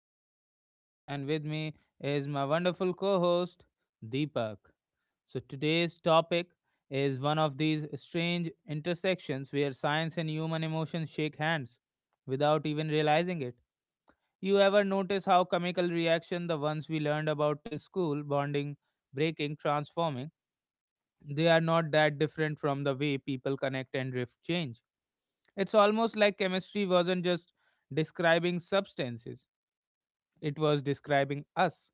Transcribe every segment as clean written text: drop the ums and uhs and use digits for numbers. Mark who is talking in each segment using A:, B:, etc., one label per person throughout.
A: This is Sachin, and with me is my wonderful co host, Deepak. So, today's topic is one of these strange intersections where science and human emotions shake hands without even realizing it. You ever notice how chemical reaction, the ones we learned about in school, bonding, breaking, transforming, they are not that different from the way people connect and drift change. It's almost like chemistry wasn't just describing substances. It was describing us.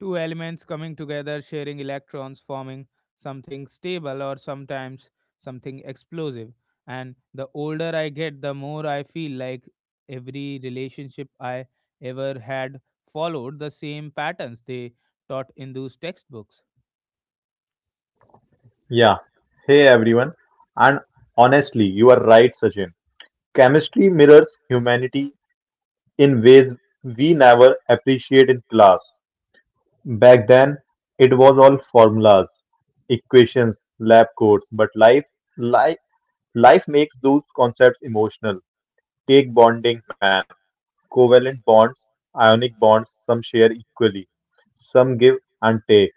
A: Two elements coming together, sharing electrons, forming something stable or sometimes something explosive. And the older I get, the more I feel like every relationship I ever had followed the same patterns they taught in those textbooks.
B: Yeah. Hey everyone. And honestly, you are right, Sachin. Chemistry mirrors humanity in ways we never appreciate in class. Back then, it was all formulas, equations, lab codes, but life life makes those concepts emotional. Take bonding, man. Covalent bonds, ionic bonds, some share equally. Some give and take.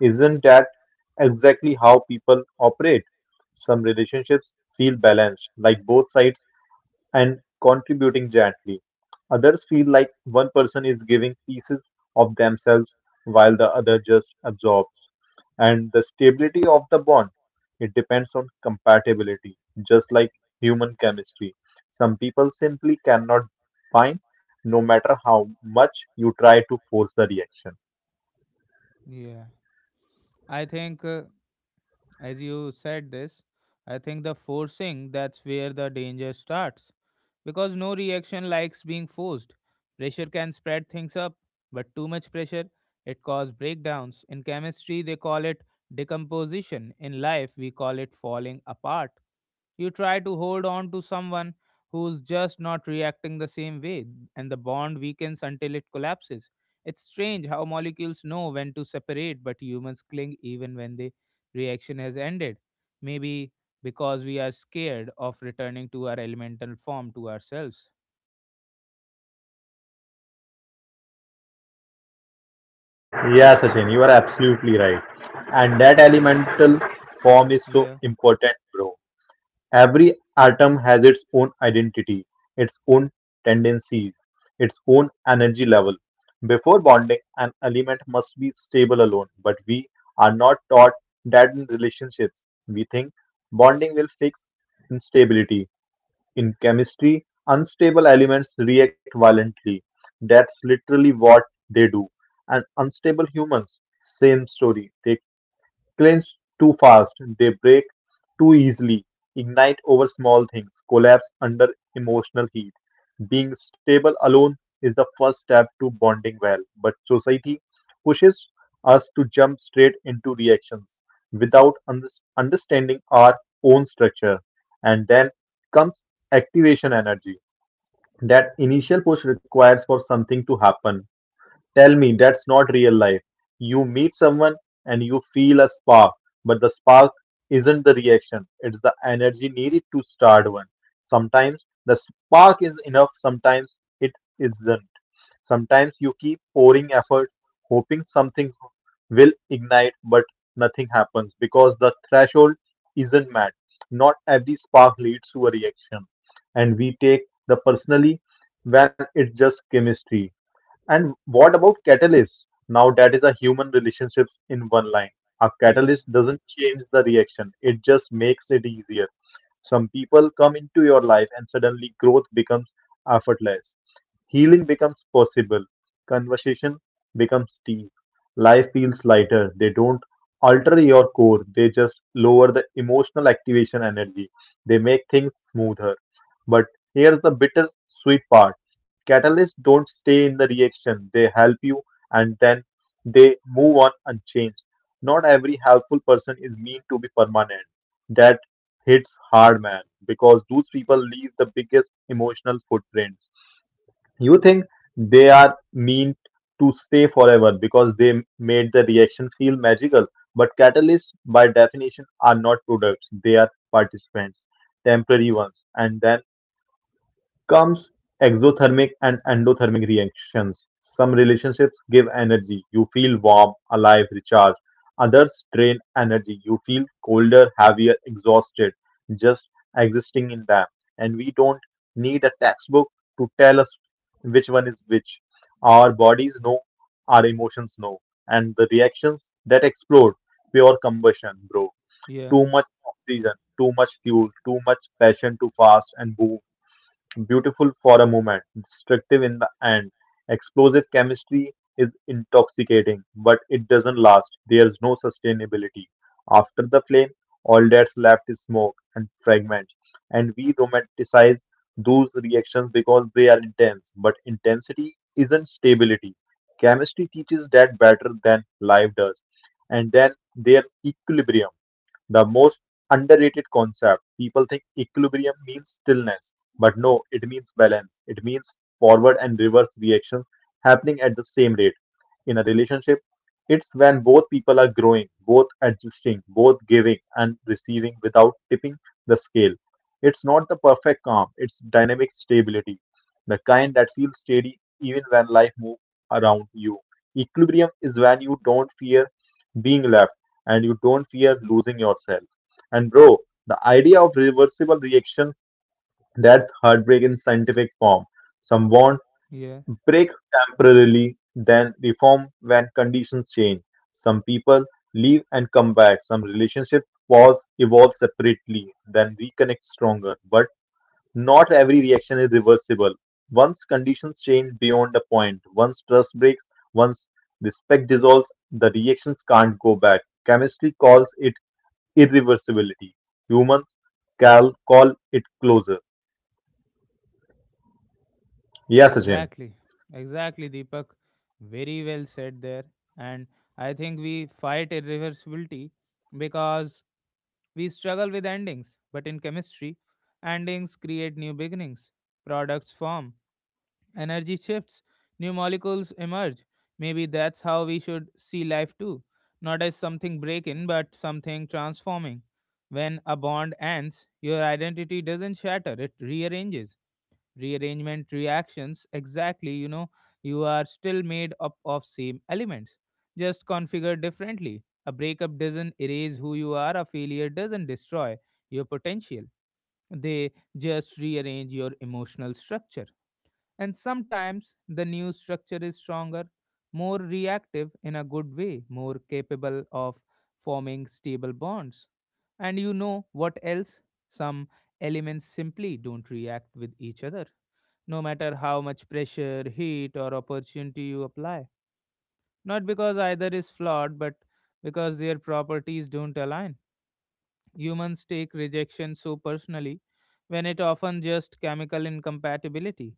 B: Isn't that exactly how people operate? Some relationships feel balanced, like both sides and contributing gently. Others feel like one person is giving pieces of themselves while the other just absorbs. And the stability of the bond, it depends on compatibility, just like human chemistry. Some people simply cannot bind no matter how much you try to force the reaction.
A: Yeah. I think as you said this, I think the forcing that's where the danger starts because no reaction likes being forced. Pressure can spread things up, but too much pressure it causes breakdowns. In chemistry they call it decomposition. In life we call it falling apart. You try to hold on to someone who's just not reacting the same way and the bond weakens until it collapses. It's strange how molecules know when to separate but humans cling even when they reaction has ended. Maybe because we are scared of returning to our elemental form to ourselves.
B: Yeah, Sachin, you are absolutely right. And that elemental form is so
A: Yeah,
B: important, bro. Every atom has its own identity, its own tendencies, its own energy level. Before bonding, an element must be stable alone, but we are not taught that in relationships. We think bonding will fix instability. In chemistry, unstable elements react violently. That's literally what they do. And unstable humans, same story. They clinch too fast, they break too easily, ignite over small things, collapse under emotional heat. Being stable alone is the first step to bonding well, but society pushes us to jump straight into reactions without understanding our own structure. And then comes activation energy. That initial push requires for something to happen. Tell me that's not real life. You meet someone and you feel a spark, but the spark isn't the reaction, it's the energy needed to start one. Sometimes the spark is enough, sometimes it isn't. Sometimes you keep pouring effort, hoping something will ignite, but nothing happens because the threshold isn't met. Not every spark leads to a reaction, and we take the personally when it's just chemistry. And what about catalyst? Now that is a human relationships in one line. A
A: yeah,
B: catalyst doesn't change the reaction. It just makes it easier. Some people come into your life and suddenly growth becomes effortless. Healing becomes possible. Conversation becomes deep. Life feels lighter. They don't alter your core, they just lower the emotional activation energy. They make things smoother. But here's the bitter sweet part: catalysts don't stay in the reaction, they help you and then they move on unchanged. Not every helpful person is meant to be permanent. That hits hard, man, because those people leave the biggest emotional footprints. You think they are meant to stay forever because they made the reaction feel magical. But catalysts, by definition, are not products, they are participants, temporary ones. And then comes exothermic and endothermic reactions. Some relationships give energy, you feel warm, alive, recharged. Others drain energy, you feel colder, heavier, exhausted, just existing in them. And we don't need a textbook to tell us which one is which. Our bodies know, our emotions know, and the reactions that explode, pure combustion, bro.
A: yeah,
B: Too much oxygen, too much fuel, too much passion too fast, and boom. Beautiful for a moment, destructive in the end. Explosive chemistry is intoxicating, but it doesn't last. There's no sustainability. After the flame, all that's left is smoke and fragments. And we romanticize those reactions because they are intense, but intensity isn't stability. Chemistry teaches that better than life does. And then there's equilibrium. The most underrated concept. People think equilibrium means stillness, but no, it means balance. It means forward and reverse reactions happening at the same rate. In a relationship, it's when both people are growing, both adjusting, both giving and receiving without tipping the scale. It's not the perfect calm, it's dynamic stability, the kind that feels steady even when life moves around you. Equilibrium is when you don't fear being left and you don't fear losing yourself. And bro, the idea of reversible reactions, that's heartbreak in scientific form. Someone
A: yeah.
B: break temporarily, then reform when conditions change. Some people leave and come back. Some relationships pause, evolve separately, then reconnect stronger. But not every reaction is reversible. Once conditions change beyond a point, once trust breaks, once respect dissolves, the reactions can't go back. Chemistry calls it irreversibility. Humans call it closure. Yes, Sachin.
A: Exactly. Exactly, Deepak. Very well said there. And I think we fight irreversibility because we struggle with endings. But in chemistry, endings create new beginnings, products form, energy shifts, new molecules emerge. Maybe that's how we should see life too. Not as something breaking, but something transforming. When a bond ends, your identity doesn't shatter, it rearranges. Rearrangement reactions, exactly, you know, you are still made up of same elements, just configured differently. A breakup doesn't erase who you are, a failure doesn't destroy your potential. They just rearrange your emotional structure. And sometimes the news structure is stronger, more reactive in a good way, more capable of forming stable bonds. And you know what else? Some elements simply don't react with each other, no matter how much pressure, heat, or opportunity you apply. Not because either is flawed, but because their properties don't align. Humans take rejection so personally when it often just chemical incompatibility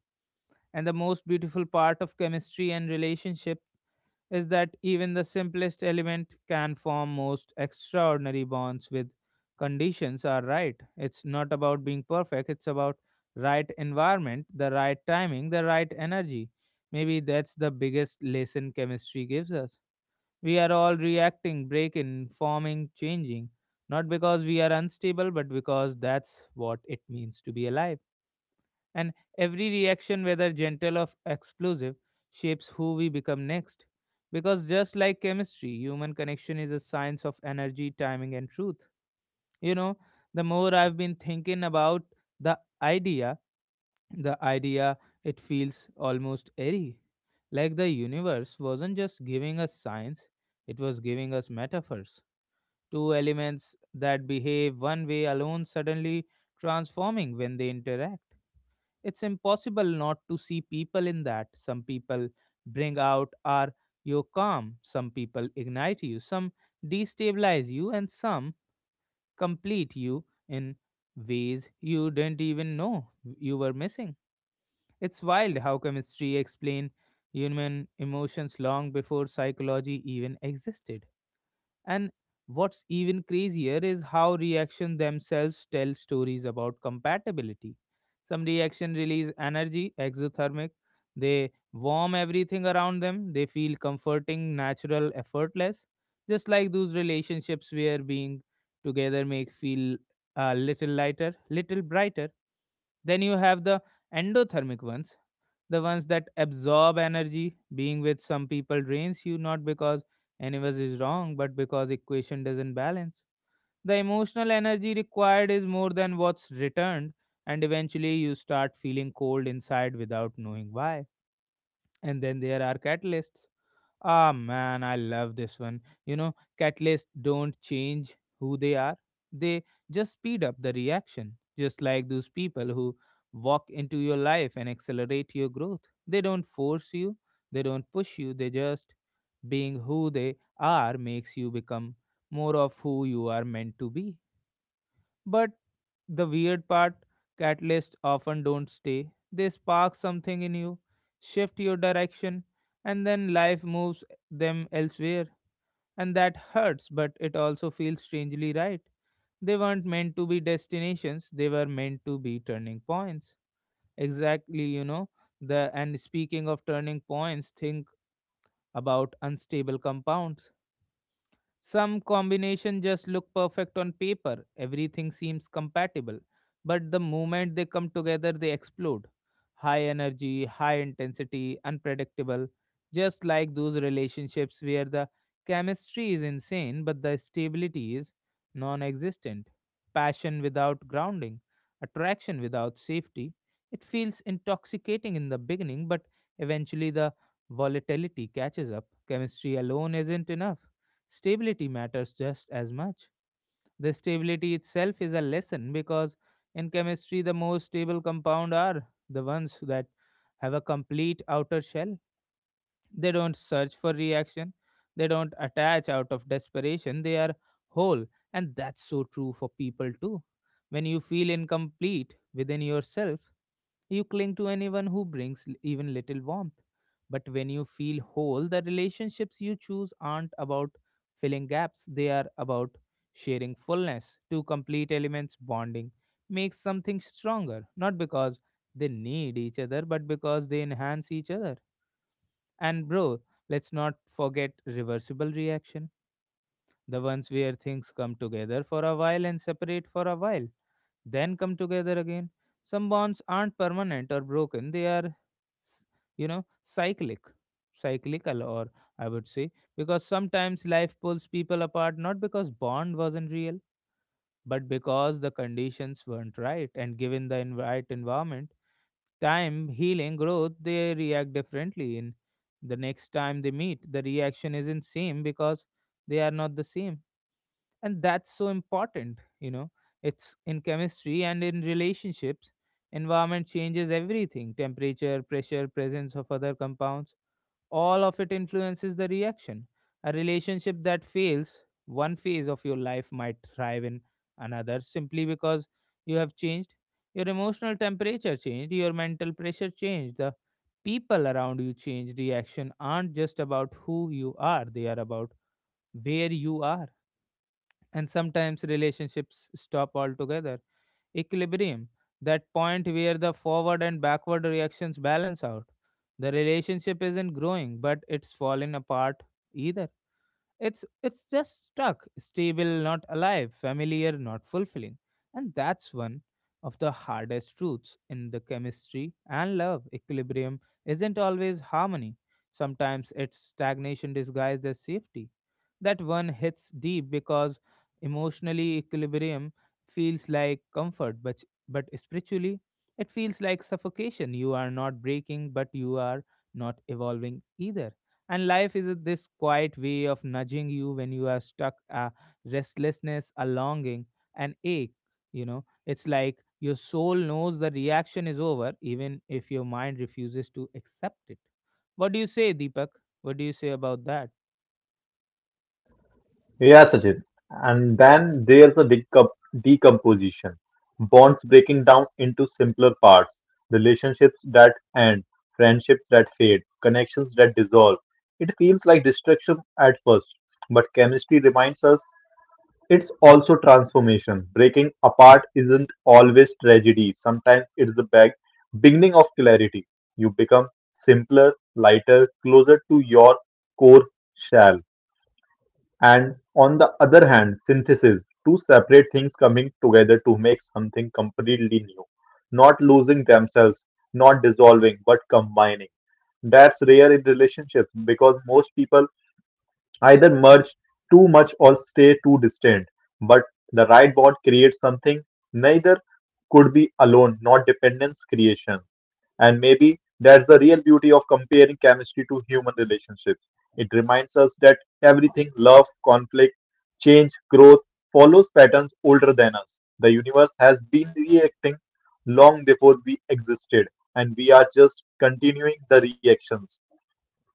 A: and the most beautiful part of chemistry and relationship is that even the simplest element can form most extraordinary bonds with conditions are right. It's not about being perfect, it's about right environment, the right timing, the right energy. Maybe that's the biggest lesson chemistry gives us. We are all reacting, breaking, forming, changing, not because we are unstable, but because that's what it means to be alive. And every reaction, whether gentle or explosive, shapes who we become next. Because just like chemistry, human connection is a science of energy, timing, and truth. You know, the more I've been thinking about the idea, the idea, it feels almost airy. Like the universe wasn't just giving us science, it was giving us metaphors. Two elements that behave one way alone suddenly transforming when they interact it's impossible not to see people in that. Some people bring out are your calm, some people ignite you, some destabilize you, and some complete you in ways you didn't even know you were missing. It's wild how chemistry explained human emotions long before psychology even existed. And what's even crazier is how reactions themselves tell stories about compatibility. Some reaction release energy, exothermic. They warm everything around them. They feel comforting, natural, effortless. Just like those relationships where being together make feel a little lighter, little brighter. Then you have the endothermic ones the ones that absorb energy. Being with some people drains you not because anyone is wrong, but because equation doesn't balance. The emotional energy required is more than what's returned, and eventually you start feeling cold inside without knowing why. And then there are catalysts. Ah man, I love this one. You know, catalysts don't change who they are. They just speed up the reaction. Just like those people who walk into your life and accelerate your growth. They don't force you, they don't push you, they just being who they are makes you become more of who you are meant to be. But the weird part, catalysts often don't stay. They spark something in you, shift your direction, and then life moves them elsewhere. And that hurts, but it also feels strangely right. They weren't meant to be destinations, they were meant to be turning points. Exactly, you know. The and speaking of turning points, think about unstable compounds some combination just look perfect on paper, everything seems compatible, but the moment they come together, they explode. High energy, high intensity, unpredictable, just like those relationships where the chemistry is insane but the stability is non existent. Passion without grounding, attraction without safety. It feels intoxicating in the beginning, but eventually the volatility catches up. Chemistry alone isn't enough. Stability matters just as much. The stability itself is a lesson because in chemistry, the most stable compound are the ones that have a complete outer shell. They don't search for reaction, they don't attach out of desperation, they are whole. And that's so true for people too. When you feel incomplete within yourself, you cling to anyone who brings even little warmth. But when you feel whole, the relationships you choose aren't about filling gaps, they are about sharing fullness. Two complete elements bonding makes something stronger, not because they need each other, but because they enhance each other. And bro, let's not forget reversible reaction the ones where things come together for a while and separate for a while, then come together again. Some bonds aren't permanent or broken, they are, s- you know, cyclic, cyclical, or I would say, because sometimes life pulls people apart not because bond wasn't real, but because the conditions weren't right, and given the right environment, time, healing, growth, they react differently. In the next time they meet, the reaction isn't same because they are not the same. And that's so important, you know. It's in chemistry and in relationships, environment changes everything, temperature, pressure, presence of other compounds, all of it influences the reaction. A relationship that fails one phase of your life might thrive in another simply because you have changed, your emotional temperature changed, your mental pressure changed, the people around you changed. Reaction aren't just about who you are, they are about where you are. And sometimes relationships stop altogether. Equilibrium, that point where the forward and backward reactions balance out. The relationship isn't growing, but it's fallen apart either. It's just stuck, stable, not alive, familiar, not fulfilling. And that's one of the hardest truths in the chemistry and love. Equilibrium isn't always harmony. Sometimes it's stagnation disguised as safety. That one hits deep because emotionally equilibrium feels like comfort, but spiritually it feels like suffocation. You are not breaking, but you are not evolving either. And life is this quiet way of nudging you when you are stuck, a restlessness, a longing, an ache. You know, it's like your soul knows the reaction is over, even if your mind refuses to accept it. What do you say, Deepak? What do you say about that?
B: Yeah, Sachin. And then there's a decomposition, bonds breaking down into simpler parts, relationships that end, friendships that fade, connections that dissolve. It feels like destruction at first, but chemistry reminds us it's also transformation. Breaking apart isn't always tragedy, sometimes it's the beginning of clarity. You become simpler, lighter, closer to your core shell. And on the other hand, synthesis, two separate things coming together to make something completely new, not losing themselves, not dissolving but combining. That's rare in relationships because most people either merge too much or stay too distant, but the right bond creates something neither could be alone, not dependence, creation. And maybe that's the real beauty of comparing chemistry to human relationships. It reminds us that everything, love, conflict, change, growth, follows patterns older than us. The universe has been reacting long before we existed, and we are just continuing the reactions.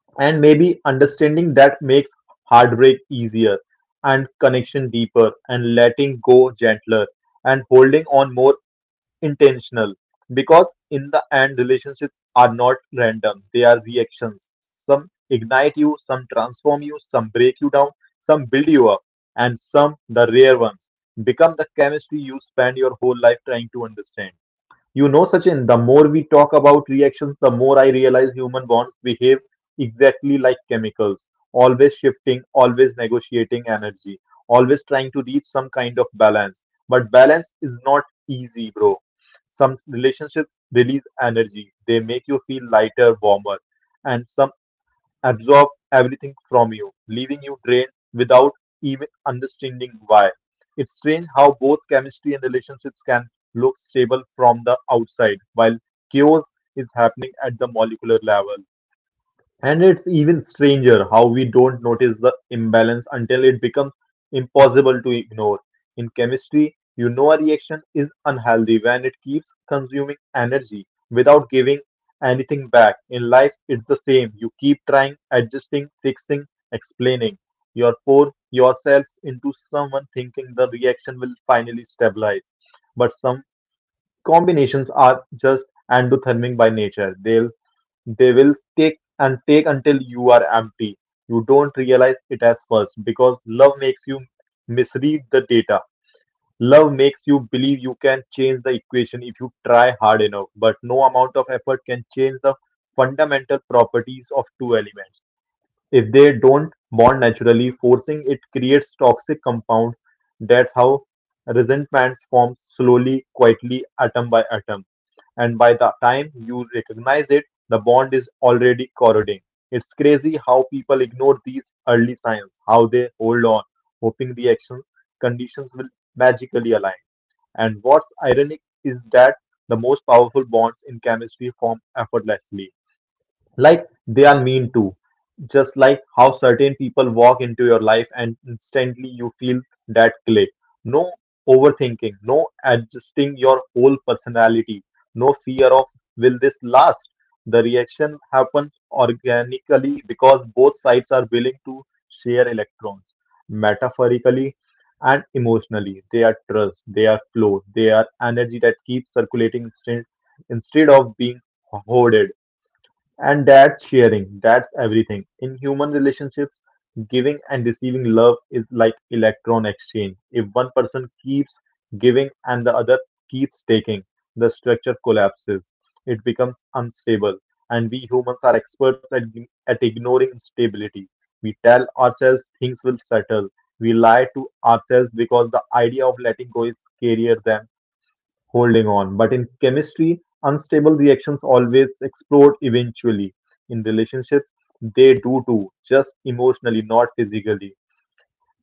B: And maybe understanding that makes heartbreak easier and connection deeper and letting go gentler and holding on more intentional, because in the end relationships are not random, they are reactions. Some ignite you, some transform you, some break you down, some build you up, and some, the rare ones, become the chemistry you spend your whole life trying to understand. You know, Sachin, the more we talk about reactions, the more I realize human bonds behave exactly like chemicals, always shifting, always negotiating energy, always trying to reach some kind of balance. But balance is not easy, bro. Some relationships release energy, they make you feel lighter, warmer, and some absorb everything from you, leaving you drained without even understanding why. It's strange how both chemistry and relationships can look stable from the outside, while chaos is happening at the molecular level. And it's even stranger how we don't notice the imbalance until it becomes impossible to ignore. In chemistry, you know a reaction is unhealthy when it keeps consuming energy without giving anything back. In life, it's the same. You keep trying, adjusting, fixing, explaining. You pour yourself into someone thinking the reaction will finally stabilize. But some combinations are just endothermic by nature. They will take and take until you are empty. You don't realize it at first because love makes you misread the data. Love makes you believe you can change the equation if you try hard enough, but no amount of effort can change the fundamental properties of two elements. If they don't bond naturally, forcing it creates toxic compounds. That's how resentments form, slowly, quietly, atom by atom, and by the time you recognize it, the bond is already corroding. It's crazy how people ignore these early signs, how they hold on, hoping the actions conditions will magically align. And what's ironic is that the most powerful bonds in chemistry form effortlessly, like they are mean too, just like how certain people walk into your life and instantly you feel that click. No overthinking, no adjusting your whole personality, no fear of will this last. The reaction happens organically because both sides are willing to share electrons, metaphorically and emotionally. They are trust, they are flow, they are energy that keeps circulating instead of being hoarded. And that's sharing, that's everything. In human relationships, giving and receiving love is like electron exchange. If one person keeps giving and the other keeps taking, the structure collapses. It becomes unstable. And we humans are experts at ignoring instability. We tell ourselves things will settle. We lie to ourselves because the idea of letting go is scarier than holding on. But in chemistry, unstable reactions always explode eventually. In relationships, they do too, just emotionally, not physically.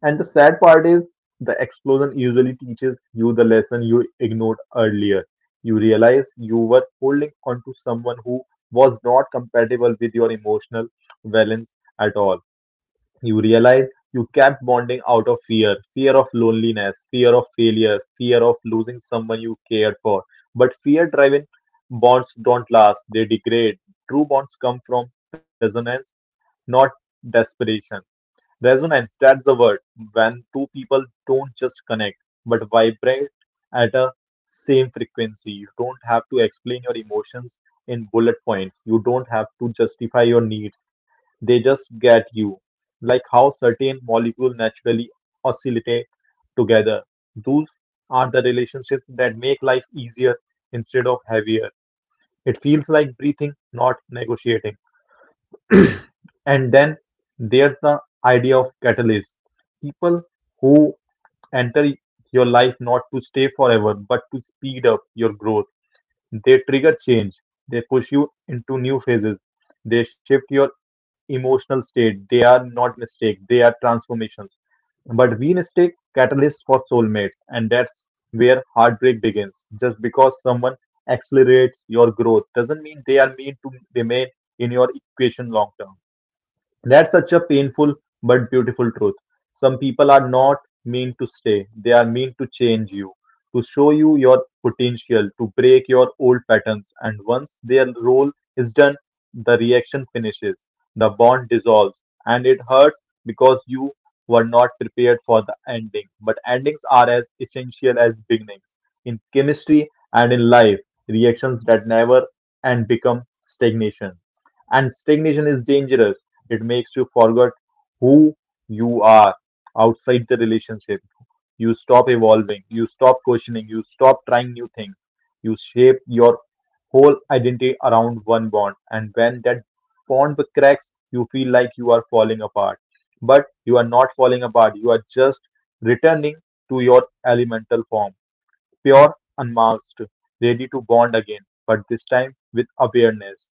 B: And the sad part is the explosion usually teaches you the lesson you ignored earlier. You realize you were holding on to someone who was not compatible with your emotional balance at all. You realize you kept bonding out of fear, fear of loneliness, fear of failure, fear of losing someone you cared for. But fear driven bonds don't last, they degrade. True bonds come from resonance, not desperation. Resonance, that's the word. When two people don't just connect, but vibrate at a same frequency. You don't have to explain your emotions in bullet points. You don't have to justify your needs. They just get you. Like how certain molecules naturally oscillate together. Those are the relationships that make life easier instead of heavier. It feels like breathing, not negotiating. And then there's the idea of catalysts, people who enter your life not to stay forever, but to speed up your growth. They trigger change, they push you into new phases, they shift your emotional state. They are not mistakes, they are transformations. But we mistake catalysts for soulmates, and that's where heartbreak begins. Just because someone accelerates your growth doesn't mean they are meant to remain in your equation long term. That's such a painful but beautiful truth. Some people are not meant to stay; they are meant to change you, to show you your potential, to break your old patterns. And once their role is done, the reaction finishes, the bond dissolves, and it hurts because you were not prepared for the ending. But endings are as essential as beginnings in chemistry and in life. Reactions that never end become stagnation, and stagnation is dangerous. It makes you forget who you are outside the relationship. You stop evolving, you stop questioning, you stop trying new things. You shape your whole identity around one bond, and when that bond cracks, you feel like you are falling apart. But you are not falling apart, you are just returning to your elemental form, pure, unmasked, ready to bond again, but this time with awareness.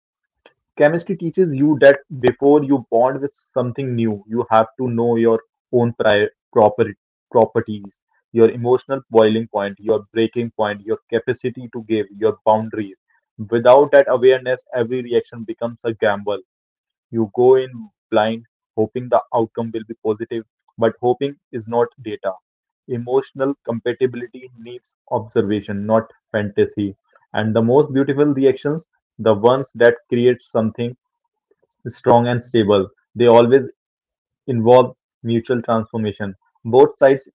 B: Chemistry teaches you that before you bond with something new, you have to know your own prior proper properties, your emotional boiling point, your breaking point, your capacity to give, your boundaries. Without that awareness, every reaction becomes a gamble. You go in blind, hoping the outcome will be positive, but hoping is not data. Emotional compatibility needs observation, not fantasy. And the most beautiful reactions, the ones that create something strong and stable. They always involve mutual transformation. Both sides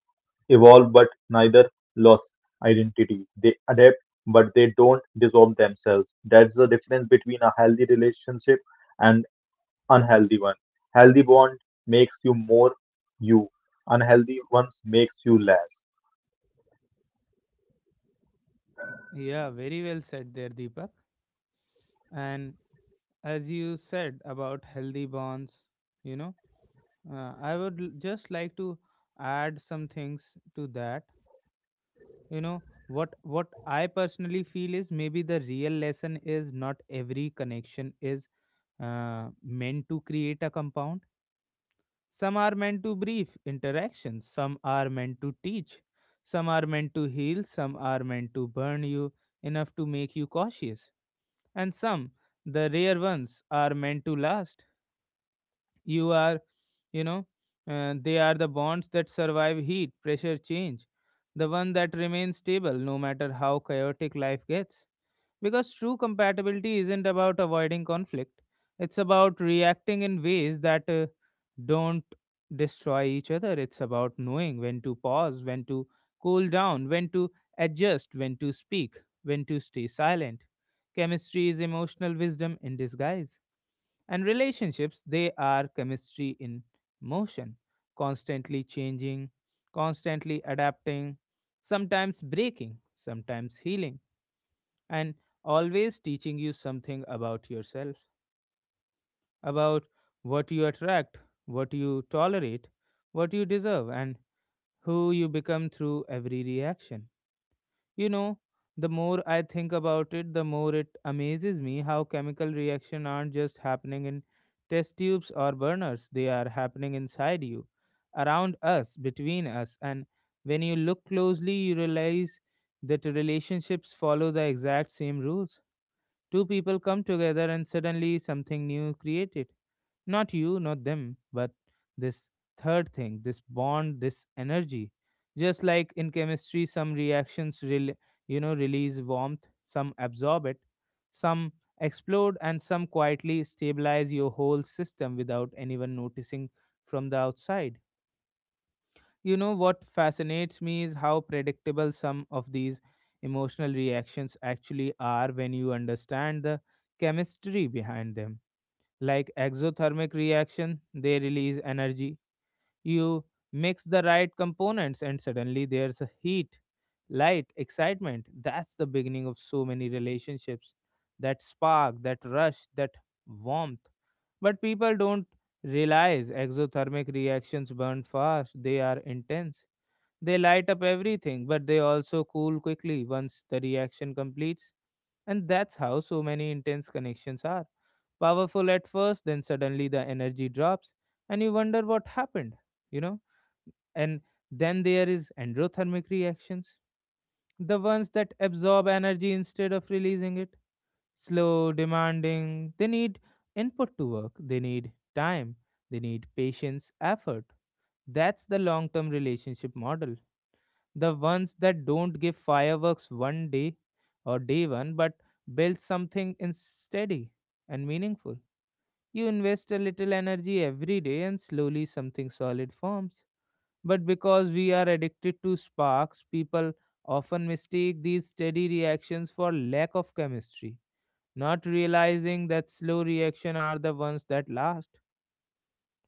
B: evolve, but neither lose identity. They adapt, but they don't dissolve themselves. That's the difference between a healthy relationship and unhealthy one. Healthy bond makes you more you. Unhealthy ones makes you less.
A: Yeah, very well said there, Deepak. And as you said about healthy bonds, you know, I would just like to add some things to that. You know, what I personally feel is maybe the real lesson is not every connection is meant to create a compound. Some are meant to brief interactions, some are meant to teach, some are meant to heal, some are meant to burn you enough to make you cautious, and some, the rare ones, are meant to last. You are, you know, they are the bonds that survive heat pressure change, the one that remains stable no matter how chaotic life gets, because true compatibility isn't about avoiding conflict, it's about reacting in ways that don't destroy each other. It's about knowing when to pause, when to cool down, when to adjust, when to speak, when to stay silent. Chemistry is emotional wisdom in disguise. And relationships, they are chemistry in motion, constantly changing, constantly adapting, sometimes breaking, sometimes healing, and always teaching you something about yourself, about what you attract, what you tolerate, what you deserve, and who you become through every reaction. You know, the more I think about it, the more it amazes me how chemical reactions aren't just happening in test tubes or burners, they are happening inside you, around us, between us. And when you look closely, you realize that relationships follow the exact same rules. Two people come together and suddenly something new created not you, not them, but this third thing, this bond, this energy. Just like in chemistry, some reactions, release warmth, some absorb it, some explode, and some quietly stabilize your whole system without anyone noticing from the outside. You know what fascinates me is how predictable some of these emotional reactions actually are when you understand the chemistry behind them. Like exothermic reaction, they release energy. You mix the right components and suddenly there's a heat, light, excitement. That's the beginning of so many relationships, that spark, that rush, that warmth. But people don't realize exothermic reactions burn fast. They are intense, they light up everything, but they also cool quickly once the reaction completes. And that's how so many intense connections are. Powerful at first, then suddenly the energy drops, and you wonder what happened, you know? And then there is endothermic reactions, the ones that absorb energy instead of releasing it. Slow, demanding, they need input to work, they need time, they need patience, effort. That's the long term relationship model, the ones that don't give fireworks one day or day one, but build something in steady and meaningful. You invest a little energy every day and slowly something solid forms. But because we are addicted to sparks, people often mistake these steady reactions for lack of chemistry, not realizing that slow reactions are the ones that last.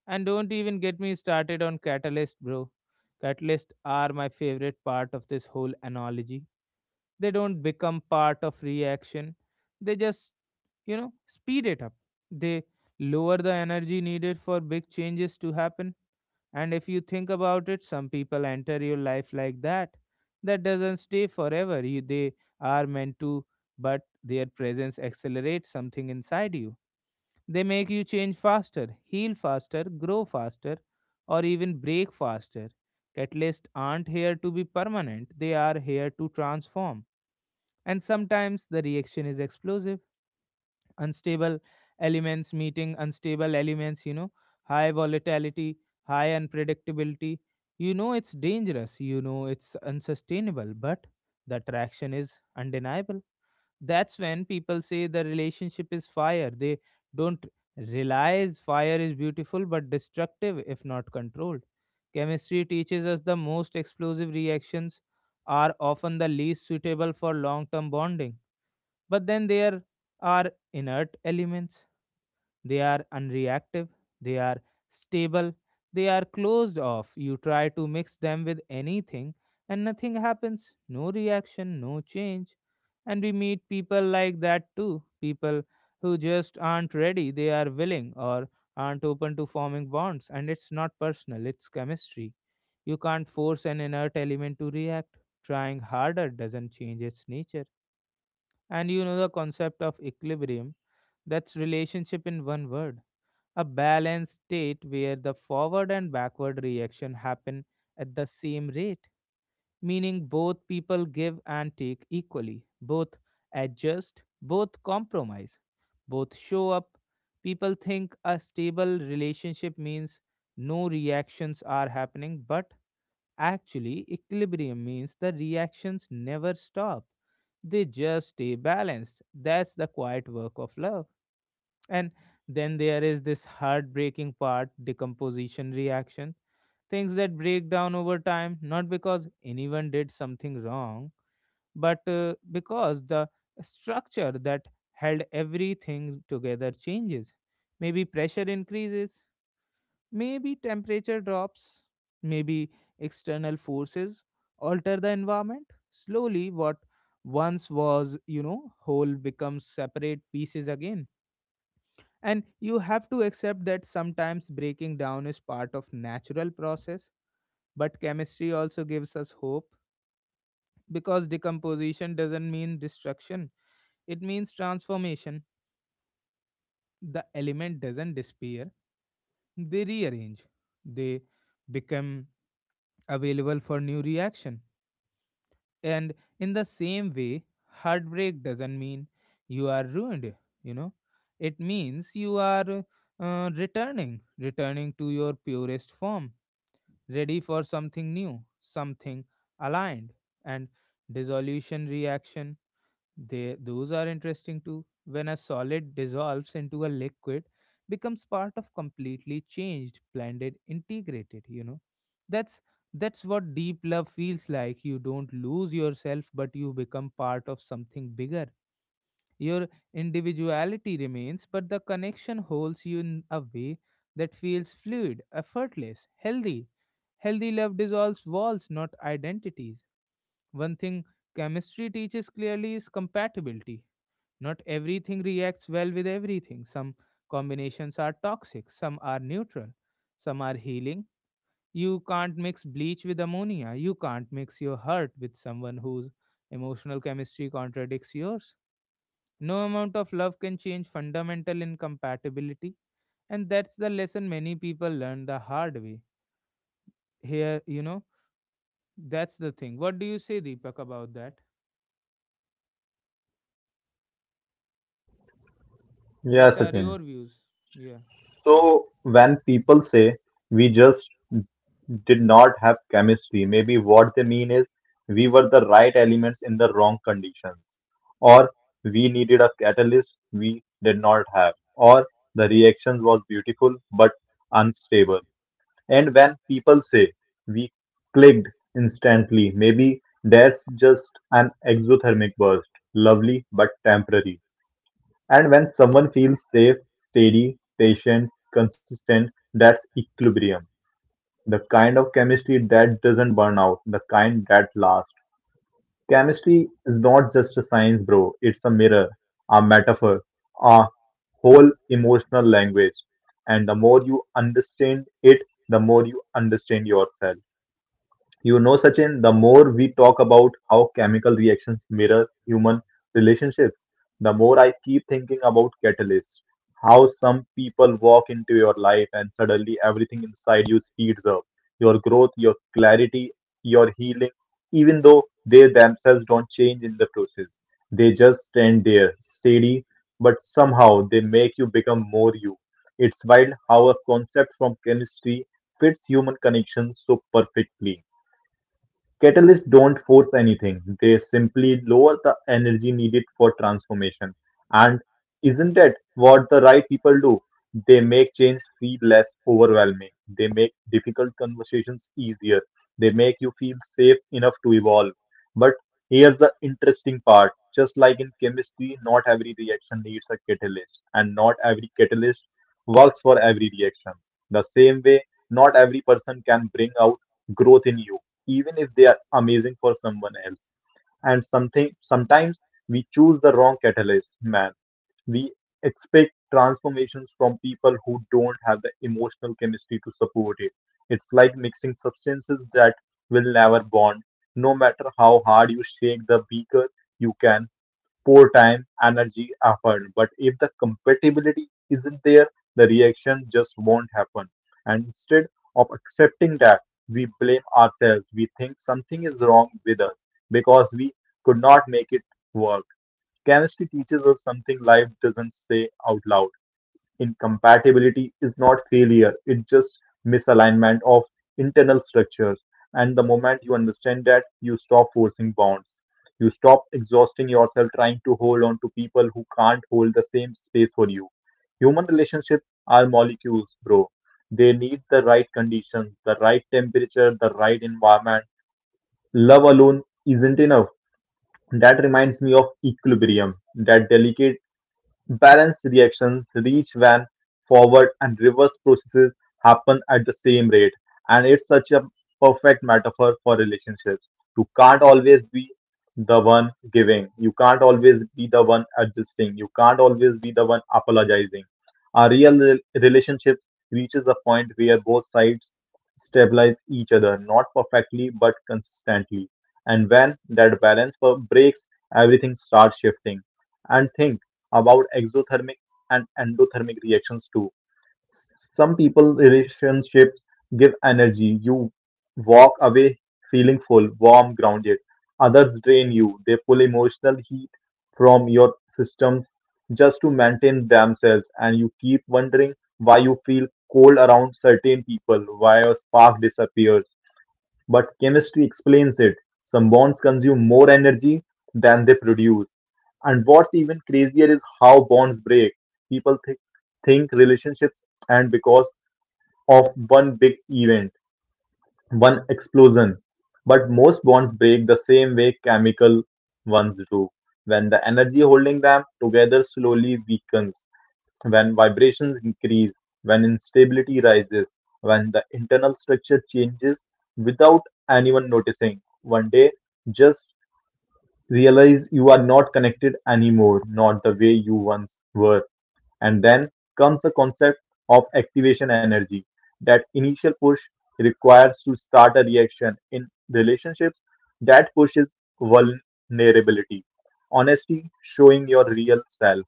A: And don't even get me started on catalyst, bro. Catalyst are my favorite part of this whole analogy. They don't become part of reaction. They just, speed it up. They lower the energy needed for big changes to happen. And if you think about it, some people enter your life like that. That doesn't stay forever. You, they are meant to, but their presence accelerates something inside you. They make you change faster, heal faster, grow faster, or even break faster. Catalysts aren't here to be permanent, they are here to transform. And sometimes the reaction is explosive. Unstable elements meeting unstable elements, high volatility, high unpredictability. You know it's dangerous, you know it's unsustainable, but the attraction is undeniable. That's when people say the relationship is fire. They don't realize fire is beautiful but destructive if not controlled. Chemistry teaches us the most explosive reactions are often the least suitable for long term bonding. But then there are inert elements. They are unreactive, they are stable, they are closed off. You try to mix them with anything and nothing happens. No reaction, no change. And we meet people like that too. People who just aren't ready, they are willing or aren't open to forming bonds. And it's not personal, it's chemistry. You can't force an inert element to react. Trying harder doesn't change its nature. And you know the concept of equilibrium, that's relationship in one word. A balanced state where the forward and backward reaction happen at the same rate, meaning both people give and take equally, both adjust, both compromise, both show up. People think a stable relationship means no reactions are happening, but actually, equilibrium means the reactions never stop. They just stay balanced. That's the quiet work of love. And then there is this heartbreaking part, decomposition reaction. Things that break down over time, not because anyone did something wrong, but because the structure that held everything together changes. Maybe pressure increases, maybe temperature drops, maybe external forces alter the environment. Slowly, what once was, whole becomes separate pieces again. And you have to accept that sometimes breaking down is part of natural process. But chemistry also gives us hope, because decomposition doesn't mean destruction, it means transformation. The element doesn't disappear, they rearrange, they become available for new reaction. And in the same way, heartbreak doesn't mean you are ruined. you know it means you are, uh, returning to your purest form, ready for something new, something aligned. And dissolution reaction. They, those are interesting too. When a solid dissolves into a liquid, becomes part of completely changed, blended, integrated. That's that's what deep love feels like. You don't lose yourself, but you become part of something bigger. Your individuality remains, but the connection holds you in a way that feels fluid, effortless, healthy. Healthy love dissolves walls, not identities. One thing chemistry teaches clearly is compatibility. Not everything reacts well with everything. Some combinations are toxic, some are neutral, some are healing. You can't mix bleach with ammonia. You can't mix your heart with someone whose emotional chemistry contradicts yours. No amount of love can change fundamental incompatibility, and that's the lesson many people learn the hard way. Here, that's the thing. What do you say, Deepak, about that?
B: Yeah,
A: What are
B: Sachin.
A: your views? Yeah,
B: So when people say we just did not have chemistry. Maybe what they mean is we were the right elements in the wrong conditions, or we needed a catalyst we did not have, or the reaction was beautiful but unstable. And when people say we clicked instantly, maybe that's just an exothermic burst, lovely but temporary. And when someone feels safe, steady, patient, consistent, that's equilibrium. The kind of chemistry that doesn't burn out, the kind that lasts. Chemistry is not just a science, bro. It's a mirror, a metaphor, a whole emotional language. And the more you understand it, the more you understand yourself. You know, Sachin, the more we talk about how chemical reactions mirror human relationships, the more I keep thinking about catalysts. How some people walk into your life and suddenly everything inside you speeds up. Your growth, your clarity, your healing, even though they themselves don't change in the process. They just stand there, steady, but somehow they make you become more you. It's wild how a concept from chemistry fits human connection so perfectly. Catalysts don't force anything, they simply lower the energy needed for transformation. And isn't it what the right people do? They make change feel less overwhelming, they make difficult conversations easier, they make you feel safe enough to evolve. But here's the interesting part: just like in chemistry, not every reaction needs a catalyst, and not every catalyst works for every reaction. The same way, not every person can bring out growth in you even if they are amazing for someone else. And something sometimes we choose the wrong catalyst, man. We expect transformations from people who don't have the emotional chemistry to support it. It's like mixing substances that will never bond. No matter how hard you shake the beaker, you can pour time, energy, effort. But if the compatibility isn't there, the reaction just won't happen. And instead of accepting that, we blame ourselves. We think something is wrong with us because we could not make it work. Chemistry teaches us something life doesn't say out loud. Incompatibility is not failure, it's just misalignment of internal structures. And the moment you understand that, you stop forcing bonds. You stop exhausting yourself trying to hold on to people who can't hold the same space for you. Human relationships are molecules, bro. They need the right conditions, the right temperature, the right environment. Love alone isn't enough. That reminds me of equilibrium, that delicate balanced reactions reach when forward and reverse processes happen at the same rate, and it's such a perfect metaphor for relationships. You can't always be the one giving, you can't always be the one adjusting, you can't always be the one apologizing. A relationship reaches a point where both sides stabilize each other, not perfectly but consistently. And when that breaks, everything starts shifting. And think about exothermic and endothermic reactions too. Some people relationships give energy. You walk away feeling full, warm, grounded. Others drain you. They pull emotional heat from your systems just to maintain themselves, and you keep wondering why you feel cold around certain people, why your spark disappears. But chemistry explains it. Some bonds consume more energy than they produce. And what's even crazier is how bonds break. People think relationships and because of one big event, one explosion. But most bonds break the same way chemical ones do, when the energy holding them together slowly weakens, when vibrations increase, when instability rises, when the internal structure changes without anyone noticing. One day, just realize you are not connected anymore, not the way you once were. And then comes a concept of activation energy. That initial push requires to start a reaction in relationships, that pushes vulnerability, honesty, showing your real self.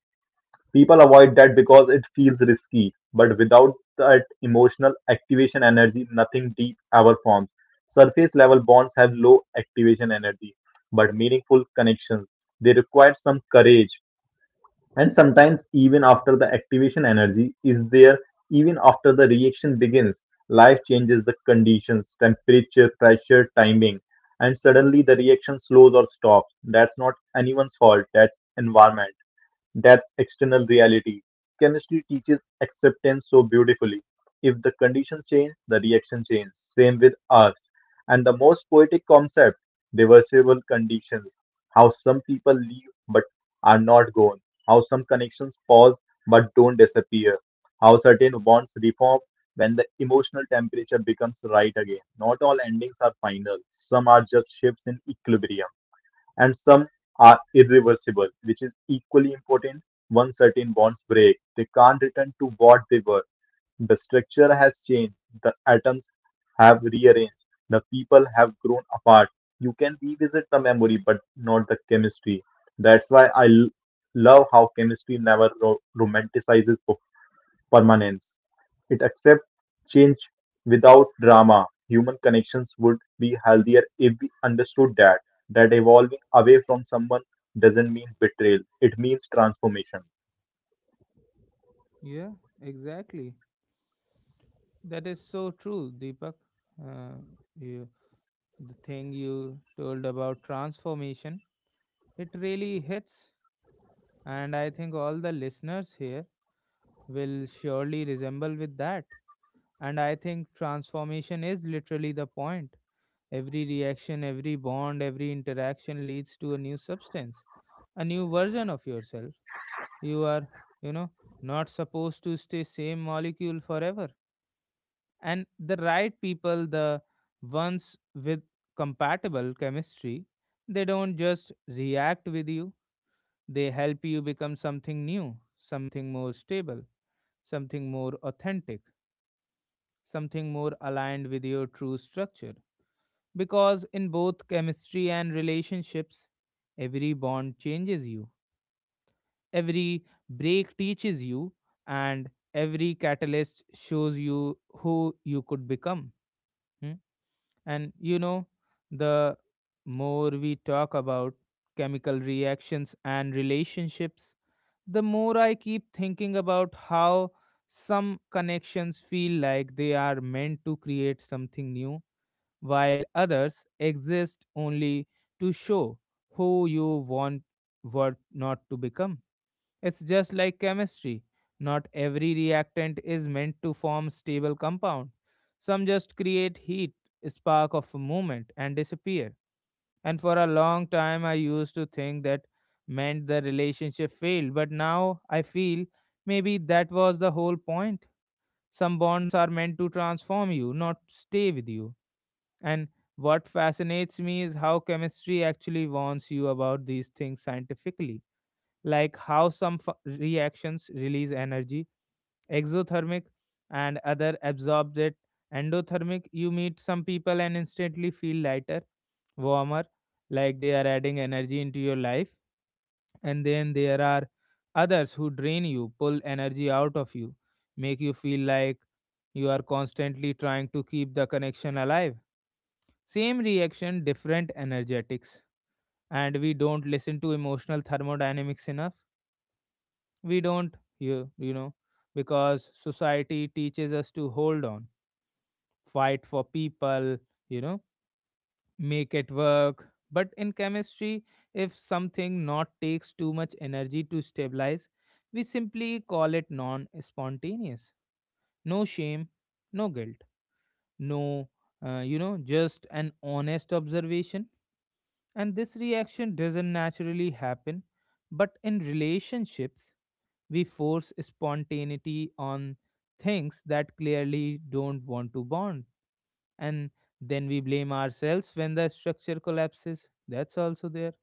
B: People avoid that because it feels risky, but without that emotional activation energy, nothing deep ever forms. Surface level bonds have low activation energy, but meaningful connections. They require some courage, and sometimes, even after the activation energy is there, even after the reaction begins, life changes the conditions, temperature, pressure, timing, and suddenly the reaction slows or stops. That's not anyone's fault, that's environment, that's external reality. Chemistry teaches acceptance so beautifully. If the conditions change, the reaction changes. Same with ours. And the most poetic concept, reversible conditions. How some people leave but are not gone. How some connections pause but don't disappear. How certain bonds reform when the emotional temperature becomes right again. Not all endings are final. Some are just shifts in equilibrium, and some are irreversible, which is equally important. Once certain bonds break, they can't return to what they were. The structure has changed, the atoms have rearranged, the people have grown apart. You can revisit the memory, but not the chemistry. That's why love how chemistry never romanticizes permanence. It accepts change without drama. Human connections would be healthier if we understood that evolving away from someone doesn't mean betrayal. It means transformation.
A: yeah, exactly. That is so true, Deepak. Uh, you, the thing you told about transformation, it really hits, and I think all the listeners here will surely resemble with that. And I think transformation is literally the point. Every reaction, every bond, every interaction leads to a new substance, a new version of yourself. You are, you know, not supposed to stay same molecule forever. And the right people, the ones with compatible chemistry, they don't just react with you, they help you become something new, something more stable, something more authentic, something more aligned with your true structure. Because in both chemistry and relationships, every bond changes you, every break teaches you, and every catalyst shows you who you could become. Hmm? And the more we talk about chemical reactions and relationships, the more I keep thinking about how some connections feel like they are meant to create something new, while others exist only to show who you want were not to become. It's just like chemistry. Not every reactant is meant to form stable compound. Some just create heat, spark of a movement, and disappear. And for a long time, I used to think that meant the relationship failed, but now I feel maybe that was the whole point. Some bonds are meant to transform you, not stay with you. And what fascinates me is how chemistry actually warns you about these things scientifically, like how some reactions release energy, exothermic, and other absorbs it. Endothermic, you meet some people and instantly feel lighter, warmer, like they are adding energy into your life. And then there are others who drain you, pull energy out of you, make you feel like you are constantly trying to keep the connection alive. Same reaction, different energetics. And we don't listen to emotional thermodynamics enough. We don't, you know, Because society teaches us to hold on, fight for people, you know, make it work. But in chemistry, if something not takes too much energy to stabilize, we simply call it non spontaneous. No shame, no guilt, no, just an honest observation. And this reaction doesn't naturally happen, but in relationships, we force spontaneity on things that clearly don't want to bond. And then we blame ourselves when the structure collapses. That's also there.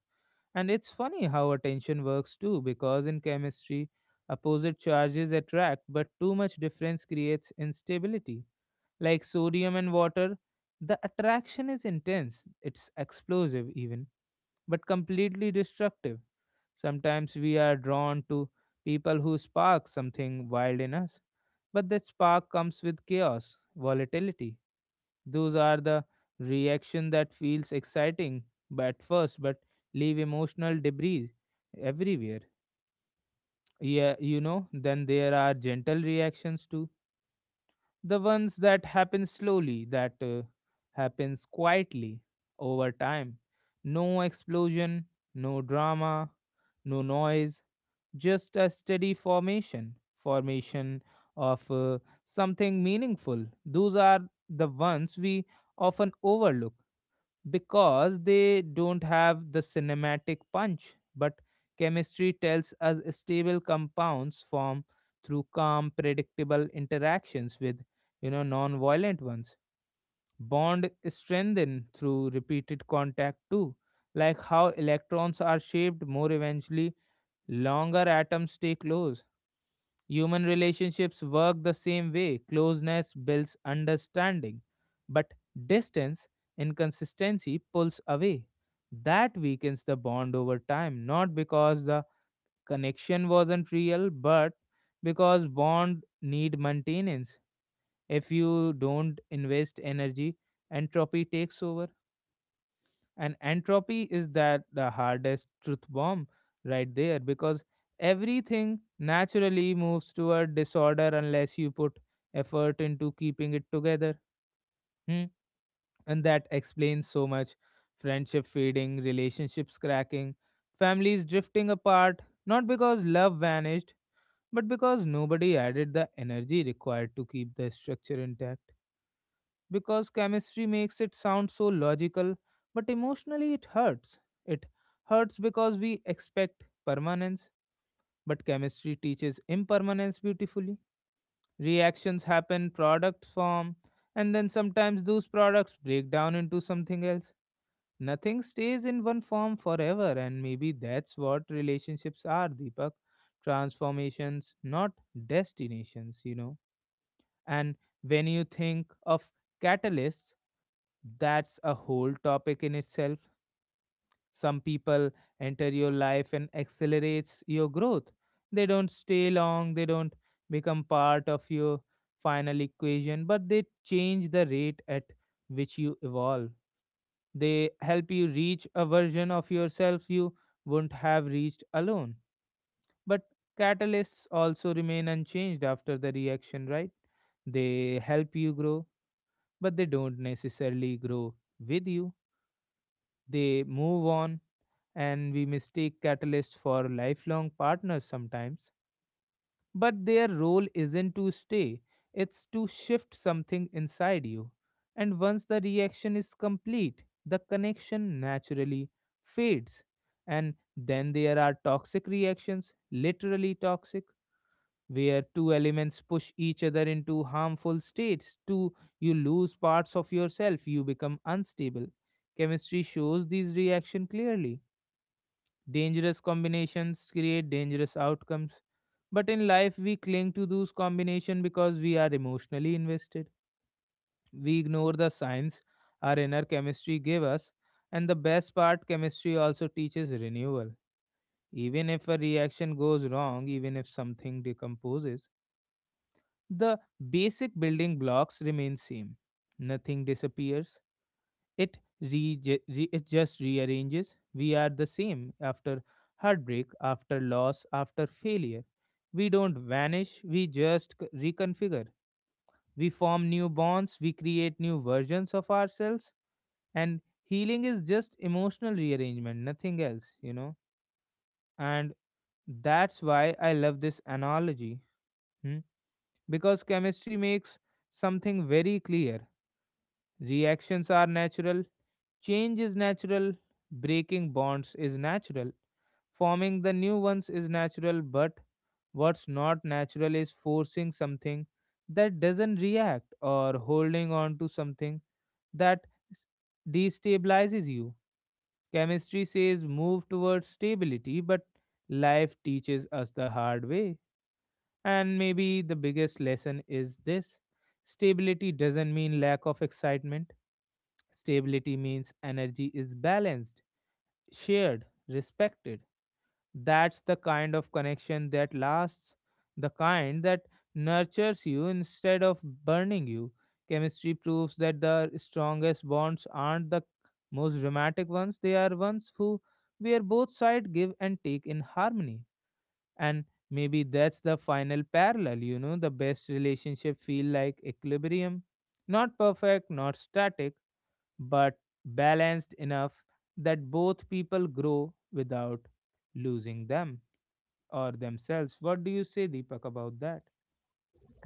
A: And it's funny how attention works too, because in chemistry, opposite charges attract, but too much difference creates instability. Like sodium and water, the attraction is intense, it's explosive even, but completely destructive. Sometimes we are drawn to people who spark something wild in us, but that spark comes with chaos, volatility. Those are the reaction that feels exciting at first, but leave emotional debris everywhere. Yeah, then there are gentle reactions too, the ones that happen slowly, that happens quietly over time. No explosion, no drama, no noise, just a steady formation of something meaningful. Those are the ones we often overlook because they don't have the cinematic punch, but chemistry tells us stable compounds form through calm, predictable interactions with non-violent ones. Bond strengthen through repeated contact too, like how electrons are shaped more eventually longer atoms stay close. Human relationships work the same way. Closeness builds understanding, but distance, inconsistency pulls away. That weakens the bond over time, not because the connection wasn't real, but because bond need maintenance. If you don't invest energy, entropy takes over. And entropy is that the hardest truth bomb right there, because everything naturally moves toward disorder unless you put effort into keeping it together. Hmm? And that explains so much, friendship fading, relationships cracking, families drifting apart, not because love vanished, but because nobody added the energy required to keep the structure intact. Because chemistry makes it sound so logical, but emotionally it hurts. It hurts because we expect permanence, but chemistry teaches impermanence beautifully. Reactions happen, products form, and then sometimes those products break down into something else. Nothing stays in one form forever, and maybe that's what relationships are, Deepak. Transformations, not destinations, you know. And when you think of catalysts, that's a whole topic in itself. Some people enter your life and accelerates your growth. They don't stay long, they don't become part of your final equation, but they change the rate at which you evolve. They help you reach a version of yourself you wouldn't have reached alone. But catalysts also remain unchanged after the reaction, right? They help you grow, but they don't necessarily grow with you. They move on, and we mistake catalysts for lifelong partners sometimes. But their role isn't to stay, it's to shift something inside you. And once the reaction is complete, the connection naturally fades. And then there are toxic reactions, literally toxic, where two elements push each other into harmful states. Two, you lose parts of yourself, you become unstable. Chemistry shows these reactions clearly. Dangerous combinations create dangerous outcomes. But in life, we cling to those combinations because we are emotionally invested. We ignore the signs our inner chemistry gave us. And the best part, chemistry also teaches renewal. Even if a reaction goes wrong, even if something decomposes, the basic building blocks remain same, nothing disappears, it it just rearranges. We are the same after heartbreak, after loss, after failure. We don't vanish, we just reconfigure. We form new bonds, we create new versions of ourselves, and healing is just emotional rearrangement nothing else. And that's why I love this analogy. Hmm? Because chemistry makes something very clear. Reactions are natural, change is natural, breaking bonds is natural, forming the new ones is natural, but what's not natural is forcing something that doesn't react, or holding on to something that destabilizes you. Chemistry says move towards stability, but life teaches us the hard way. And maybe the biggest lesson is this: stability doesn't mean lack of excitement. Stability means energy is balanced, shared, respected. That's the kind of connection that lasts, the kind that nurtures you instead of burning you. Chemistry proves that the strongest bonds aren't the most dramatic ones, they are ones who where both sides give and take in harmony. And maybe that's the final parallel, you know, the best relationship feel like equilibrium. Not perfect, not static, but balanced enough that both people grow without losing them or themselves. What do you say, Deepak, about that?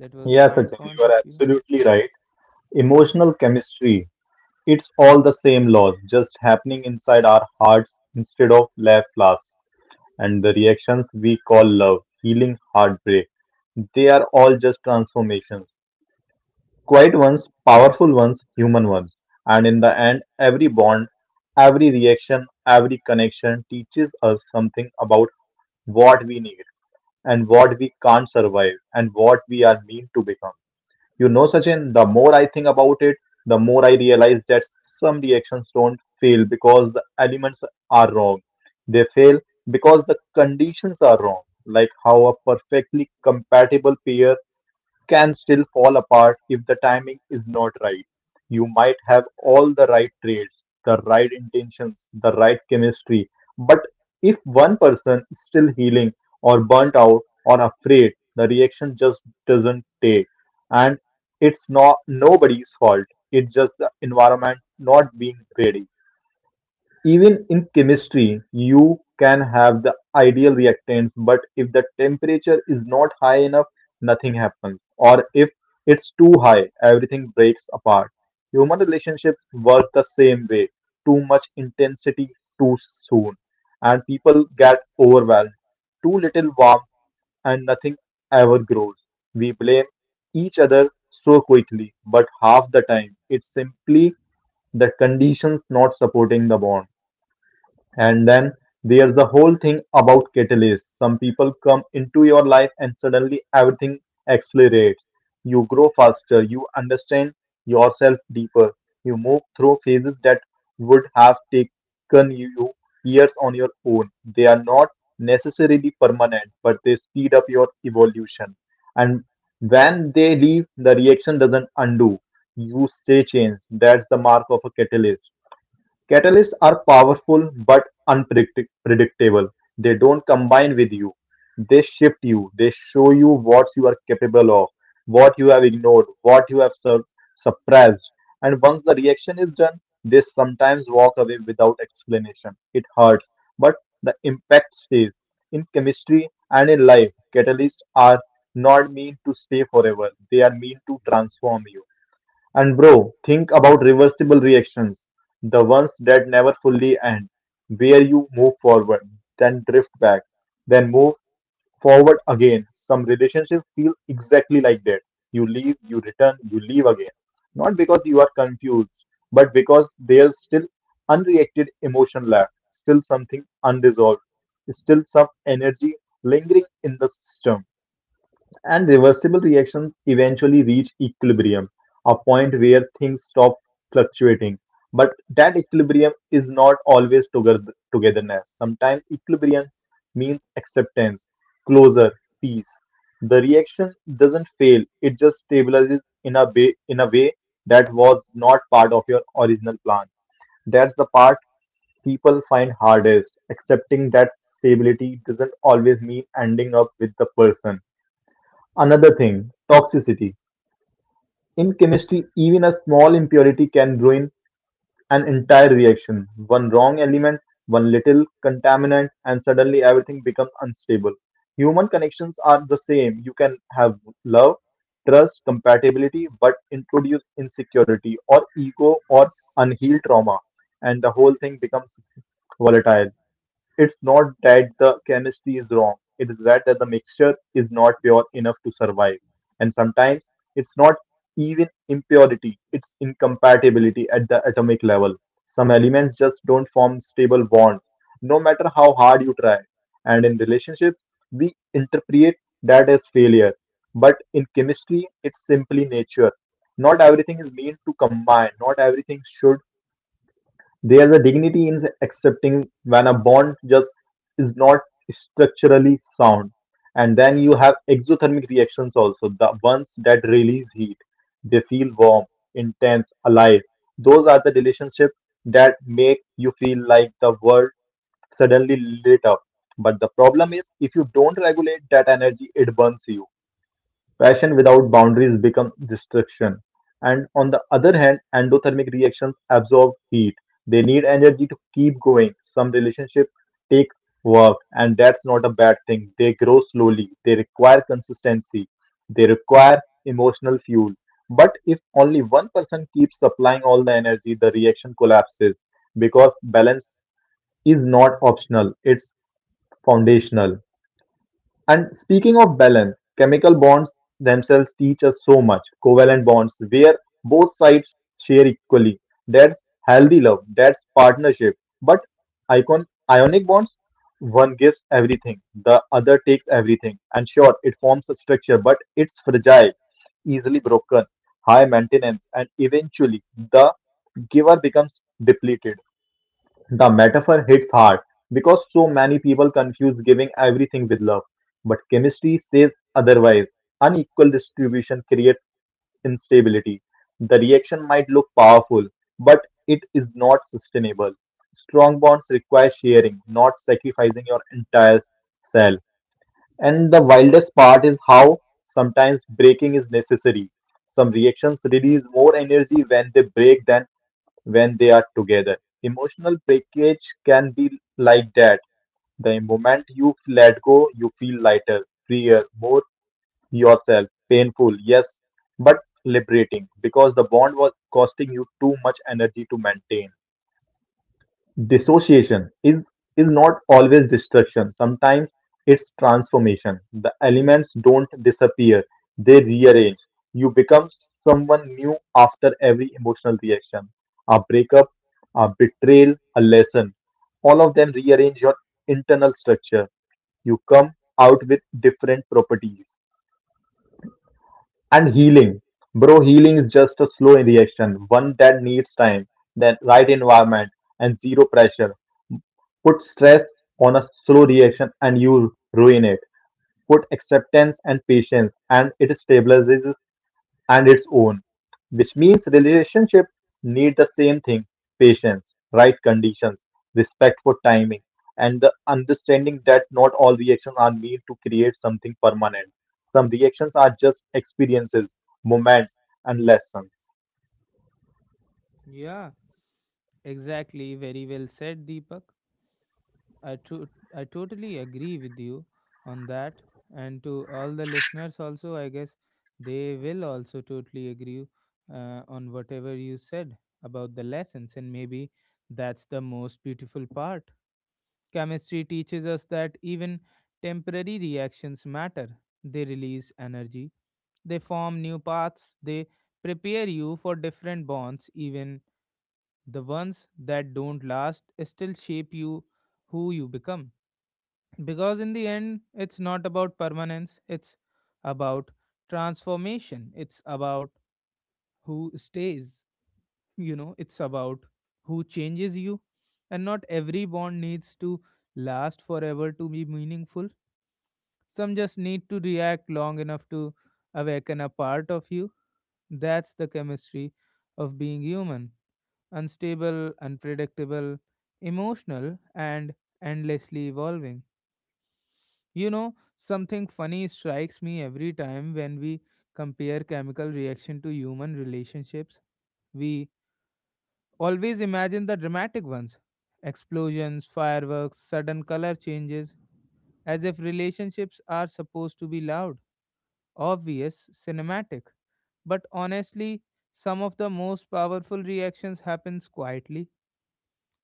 A: That was
B: Yeah,
A: my
B: Sachin, you
A: point of
B: are
A: view.
B: absolutely right.
A: Yeah.
B: Emotional chemistry. It's all the same laws, just happening inside our hearts instead of lab flasks. And the reactions we call love, healing, heartbreak, they are all just transformations. Quiet ones, powerful ones, human ones. And in the end, every bond, every reaction, every connection teaches us something about what we need and what we can't survive and what we are meant to become. You know, Sachin, the more I think about it, the more I realize that some reactions don't fail because the elements are wrong. They fail because the conditions are wrong, like how a perfectly compatible pair can still fall apart if the timing is not right. You might have all the right traits, the right intentions, the right chemistry, but if one person is still healing or burnt out or afraid, the reaction just doesn't take. And it's not nobody's fault. It's just the environment not being ready. Even in chemistry, you can have the ideal reactants, but if the temperature is not high enough, nothing happens. Or if it's too high, everything breaks apart. Human relationships work the same way. Too much intensity too soon, and people get overwhelmed. Too little warmth, and nothing ever grows. We blame each other so quickly, but half the time, it's simply the conditions not supporting the bond. And then there's the whole thing about catalysts. Some people come into your life and suddenly everything accelerates. You grow faster, you understand yourself deeper, you move through phases that would have taken you years on your own. They are not necessarily permanent, but they speed up your evolution. And when they leave, the reaction doesn't undo. You stay changed. That's the mark of a catalyst. Catalysts are powerful but unpredictable. They don't combine with you. They shift you. They show you what you are capable of, what you have ignored, what you have suppressed. And once the reaction is done, they sometimes walk away without explanation. It hurts, but the impact stays. In chemistry and in life, catalysts are not meant to stay forever. They are meant to transform you. And bro, think about reversible reactions, the ones that never fully end, where you move forward, then drift back, then move forward again. Some relationships feel exactly like that. You leave, you return, you leave again. Not because you are confused, but because there's still unreacted emotion left, still something unresolved, still some energy lingering in the system, and reversible reactions eventually reach equilibrium, a point where things stop fluctuating. But that equilibrium is not always togetherness. Sometimes equilibrium means acceptance, closure, peace. The reaction doesn't fail; it just stabilizes in a way that was not part of your original plan. That's the part people find hardest, accepting that stability doesn't always mean ending up with the person. Another thing, toxicity. In chemistry, even a small impurity can ruin an entire reaction. One wrong element, one little contaminant, and suddenly everything becomes unstable. Human connections are the same. You can have love, trust, compatibility, but introduce insecurity or ego or unhealed trauma, and the whole thing becomes volatile. It's not that the chemistry is wrong. It is that the mixture is not pure enough to survive. And sometimes it's not even impurity, it's incompatibility at the atomic level. Some elements just don't form stable bonds, no matter how hard you try. And in relationships, we interpret that as failure. But in chemistry, it's simply nature. Not everything is meant to combine, not everything should. There's a dignity in accepting when a bond just is not structurally sound. And then you have exothermic reactions also, the ones that release heat. They feel warm, intense, alive. Those are the relationships that make you feel like the world suddenly lit up. But the problem is, if you don't regulate that energy, it burns you. Passion without boundaries becomes destruction. And on the other hand, endothermic reactions absorb heat. They need energy to keep going. Some relationships take work, and that's not a bad thing. They grow slowly, they require consistency, they require emotional fuel. But if only one person keeps supplying all the energy, the reaction collapses, because balance is not optional, it's foundational. And speaking of balance, chemical bonds themselves teach us so much. Covalent bonds, where both sides share equally. That's healthy love, that's partnership. But ionic bonds, one gives everything, the other takes everything. And sure, it forms a structure, but it's fragile, easily broken, high maintenance, and eventually the giver becomes depleted. The metaphor hits hard because so many people confuse giving everything with love. But chemistry says otherwise. Unequal distribution creates instability. The reaction might look powerful, but it is not sustainable. Strong bonds require sharing, not sacrificing your entire self. And the wildest part is how sometimes breaking is necessary. Some reactions release more energy when they break than when they are together. Emotional breakage can be like that. The moment you let go, you feel lighter, freer, more yourself. Painful, yes, but liberating, because the bond was costing you too much energy to maintain. Dissociation is not always destruction. Sometimes it's transformation. The elements don't disappear, they rearrange. You become someone new after every emotional reaction. A breakup, a betrayal, a lesson. All of them rearrange your internal structure. You come out with different properties. And healing. Bro, healing is just a slow reaction, one that needs time, then right environment, and zero pressure. Put stress on a slow reaction and you ruin it. Put acceptance and patience and it stabilizes and its own. Which means relationship need the same thing. Patience, right conditions, respect for timing, and the understanding that not all reactions are meant to create something permanent. Some reactions are just experiences, moments, and lessons.
A: Yeah. Exactly. Very well said, Deepak. I, to- I totally agree with you on that. And to all the listeners, also, I guess they will also totally agree on whatever you said about the lessons. And maybe that's the most beautiful part. Chemistry teaches us that even temporary reactions matter. They release energy, they form new paths, they prepare you for different bonds, even the ones that don't last still shape you who you become. Because in the end, it's not about permanence, it's about transformation, it's about who stays, you know, it's about who changes you. And not every bond needs to last forever to be meaningful, some just need to react long enough to awaken a part of you. That's the chemistry of being human: unstable, unpredictable, emotional, and endlessly evolving. You know, something funny strikes me every time when we compare chemical reaction to human relationships. We always imagine the dramatic ones: explosions, fireworks, sudden color changes, as if relationships are supposed to be loud, obvious, cinematic. But honestly, some of the most powerful reactions happens quietly.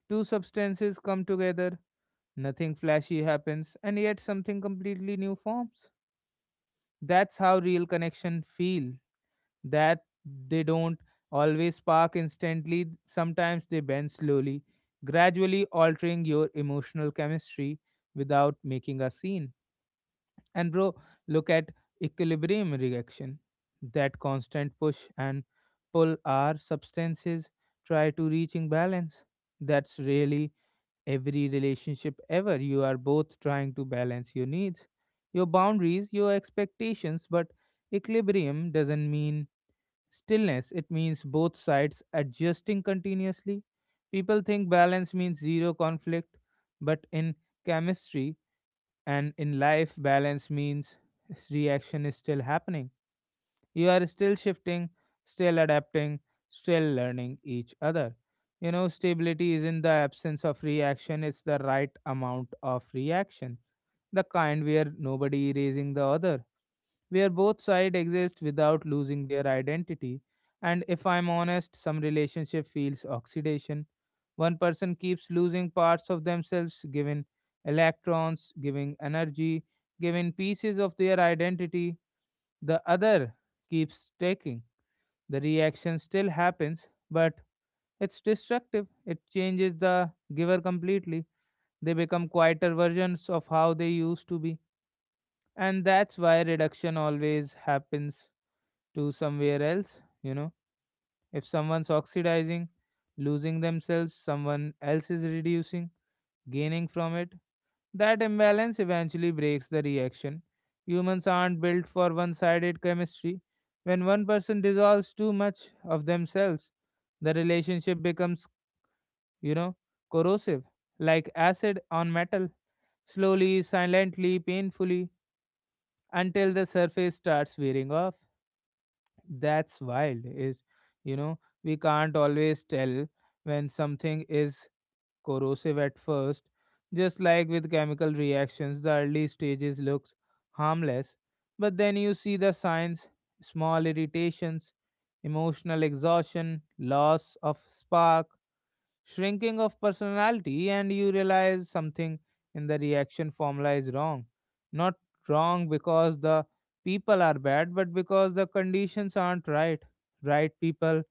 A: Two substances come together, nothing flashy happens, and yet something completely new forms. That's how real connection feels, that they don't always spark instantly, sometimes they bend slowly, gradually altering your emotional chemistry without making a scene. And bro, look at equilibrium reaction. That constant push and pull are substances try to reaching balance. That's really every relationship ever. You are both trying to balance your needs, your boundaries, your expectations, but equilibrium doesn't mean stillness, it means both sides adjusting continuously. People think balance means zero conflict, but in chemistry and in life, balance means reaction is still happening. You are still shifting, still adapting, still learning each other. You know, stability is in the absence of reaction, it's the right amount of reaction, the kind where nobody erasing the other, where both sides exist without losing their identity. And if I'm honest, some relationship feels oxidation. One person keeps losing parts of themselves, giving electrons, giving energy, giving pieces of their identity. The other keeps taking. The reaction still happens, but it's destructive. It changes the giver completely. They become quieter versions of how they used to be. And that's why reduction always happens to somewhere else. You know, if someone's oxidizing, losing themselves, someone else is reducing, gaining from it. That imbalance eventually breaks the reaction. Humans aren't built for one-sided chemistry. When one person dissolves too much of themselves, the relationship becomes, you know, corrosive, like acid on metal, slowly, silently, painfully, until the surface starts wearing off. That's wild is, you know, we can't always tell when something is corrosive at first. Just like with chemical reactions, the early stages looks harmless, but then you see the signs: small irritations, emotional exhaustion, loss of spark, shrinking of personality, and you realize something in the reaction formula is wrong. Not wrong because the people are bad, but because the conditions aren't right. Right people,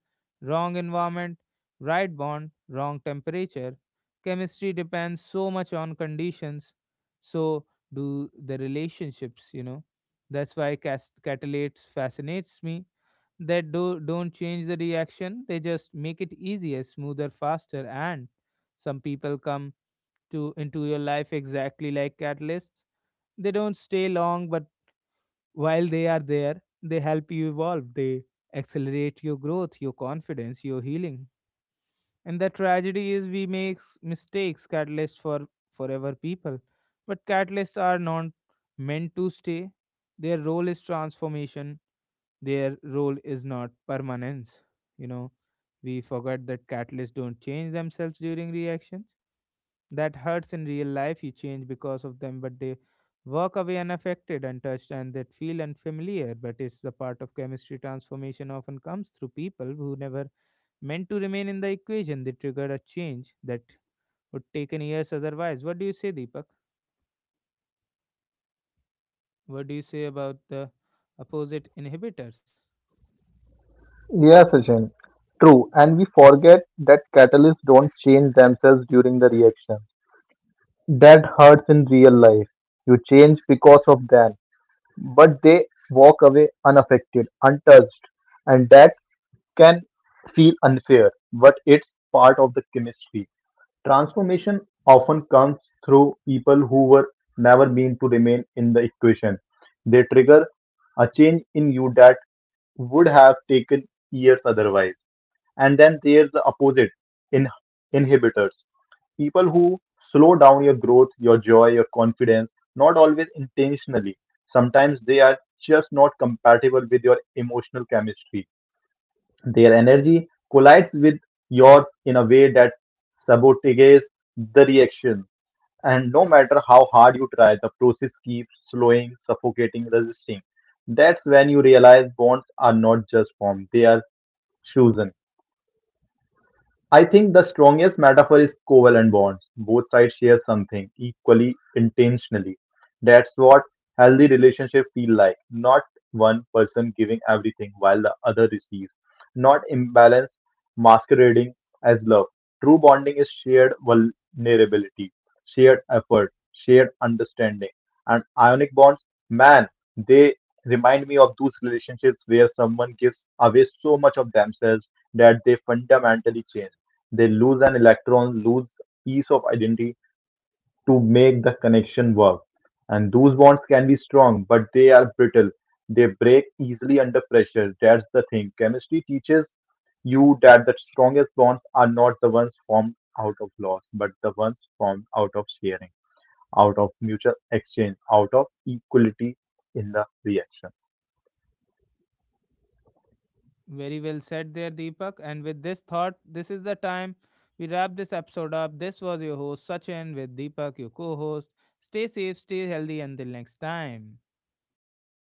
A: wrong environment, right bond, wrong temperature. Chemistry depends so much on conditions, so do the relationships, you know. That's why catalates fascinates me. That don't change the reaction, they just make it easier, smoother, faster. And some people come to into your life exactly like catalysts. They don't stay long, but while they are there, they help you evolve, they accelerate your growth, your confidence, your healing. And the tragedy is we make mistakes, catalysts for forever people. But catalysts are not meant to stay. Their role is transformation, their role is not permanence. You know, we forget that catalysts don't change themselves during reactions. That hurts in real life, you change because of them, but they walk away unaffected, untouched, and that feel unfamiliar. But it's the part of chemistry transformation often comes through people who never meant to remain in the equation, they triggered a change that would take in years otherwise. What do you say, Deepak? What do you say about the opposite inhibitors?
B: Yes, Sachin. True. And we forget that catalysts don't change themselves during the reaction. That hurts in real life. You change because of them, but they walk away unaffected, untouched, and that can feel unfair, but it's part of the chemistry. Transformation often comes through people who were never meant to remain in the equation. They trigger a change in you that would have taken years otherwise. And then there's the opposite, in inhibitors, people who slow down your growth, your joy, your confidence, not always intentionally. Sometimes they are just not compatible with your emotional chemistry. Their energy collides with yours in a way that sabotages the reaction. And no matter how hard you try, the process keeps slowing, suffocating, resisting. That's when you realize bonds are not just formed, they are chosen. I think the strongest metaphor is covalent bonds. Both sides share something equally, intentionally. That's what healthy relationships feel like. Not one person giving everything while the other receives. Not imbalance masquerading as love. True bonding is shared vulnerability, shared effort, shared understanding. And ionic bonds, man, they remind me of those relationships where someone gives away so much of themselves that they fundamentally change, they lose an electron, lose piece of identity to make the connection work. And those bonds can be strong, but they are brittle. They break easily under pressure. That's the thing. Chemistry teaches you that the strongest bonds are not the ones formed out of loss, but the ones formed out of sharing, out of mutual exchange, out of equality in the reaction.
A: Very well said there, Deepak. And with this thought, this is the time we wrap this episode up. This was your host, Sachin, with Deepak, your co host. Stay safe, stay healthy until next time.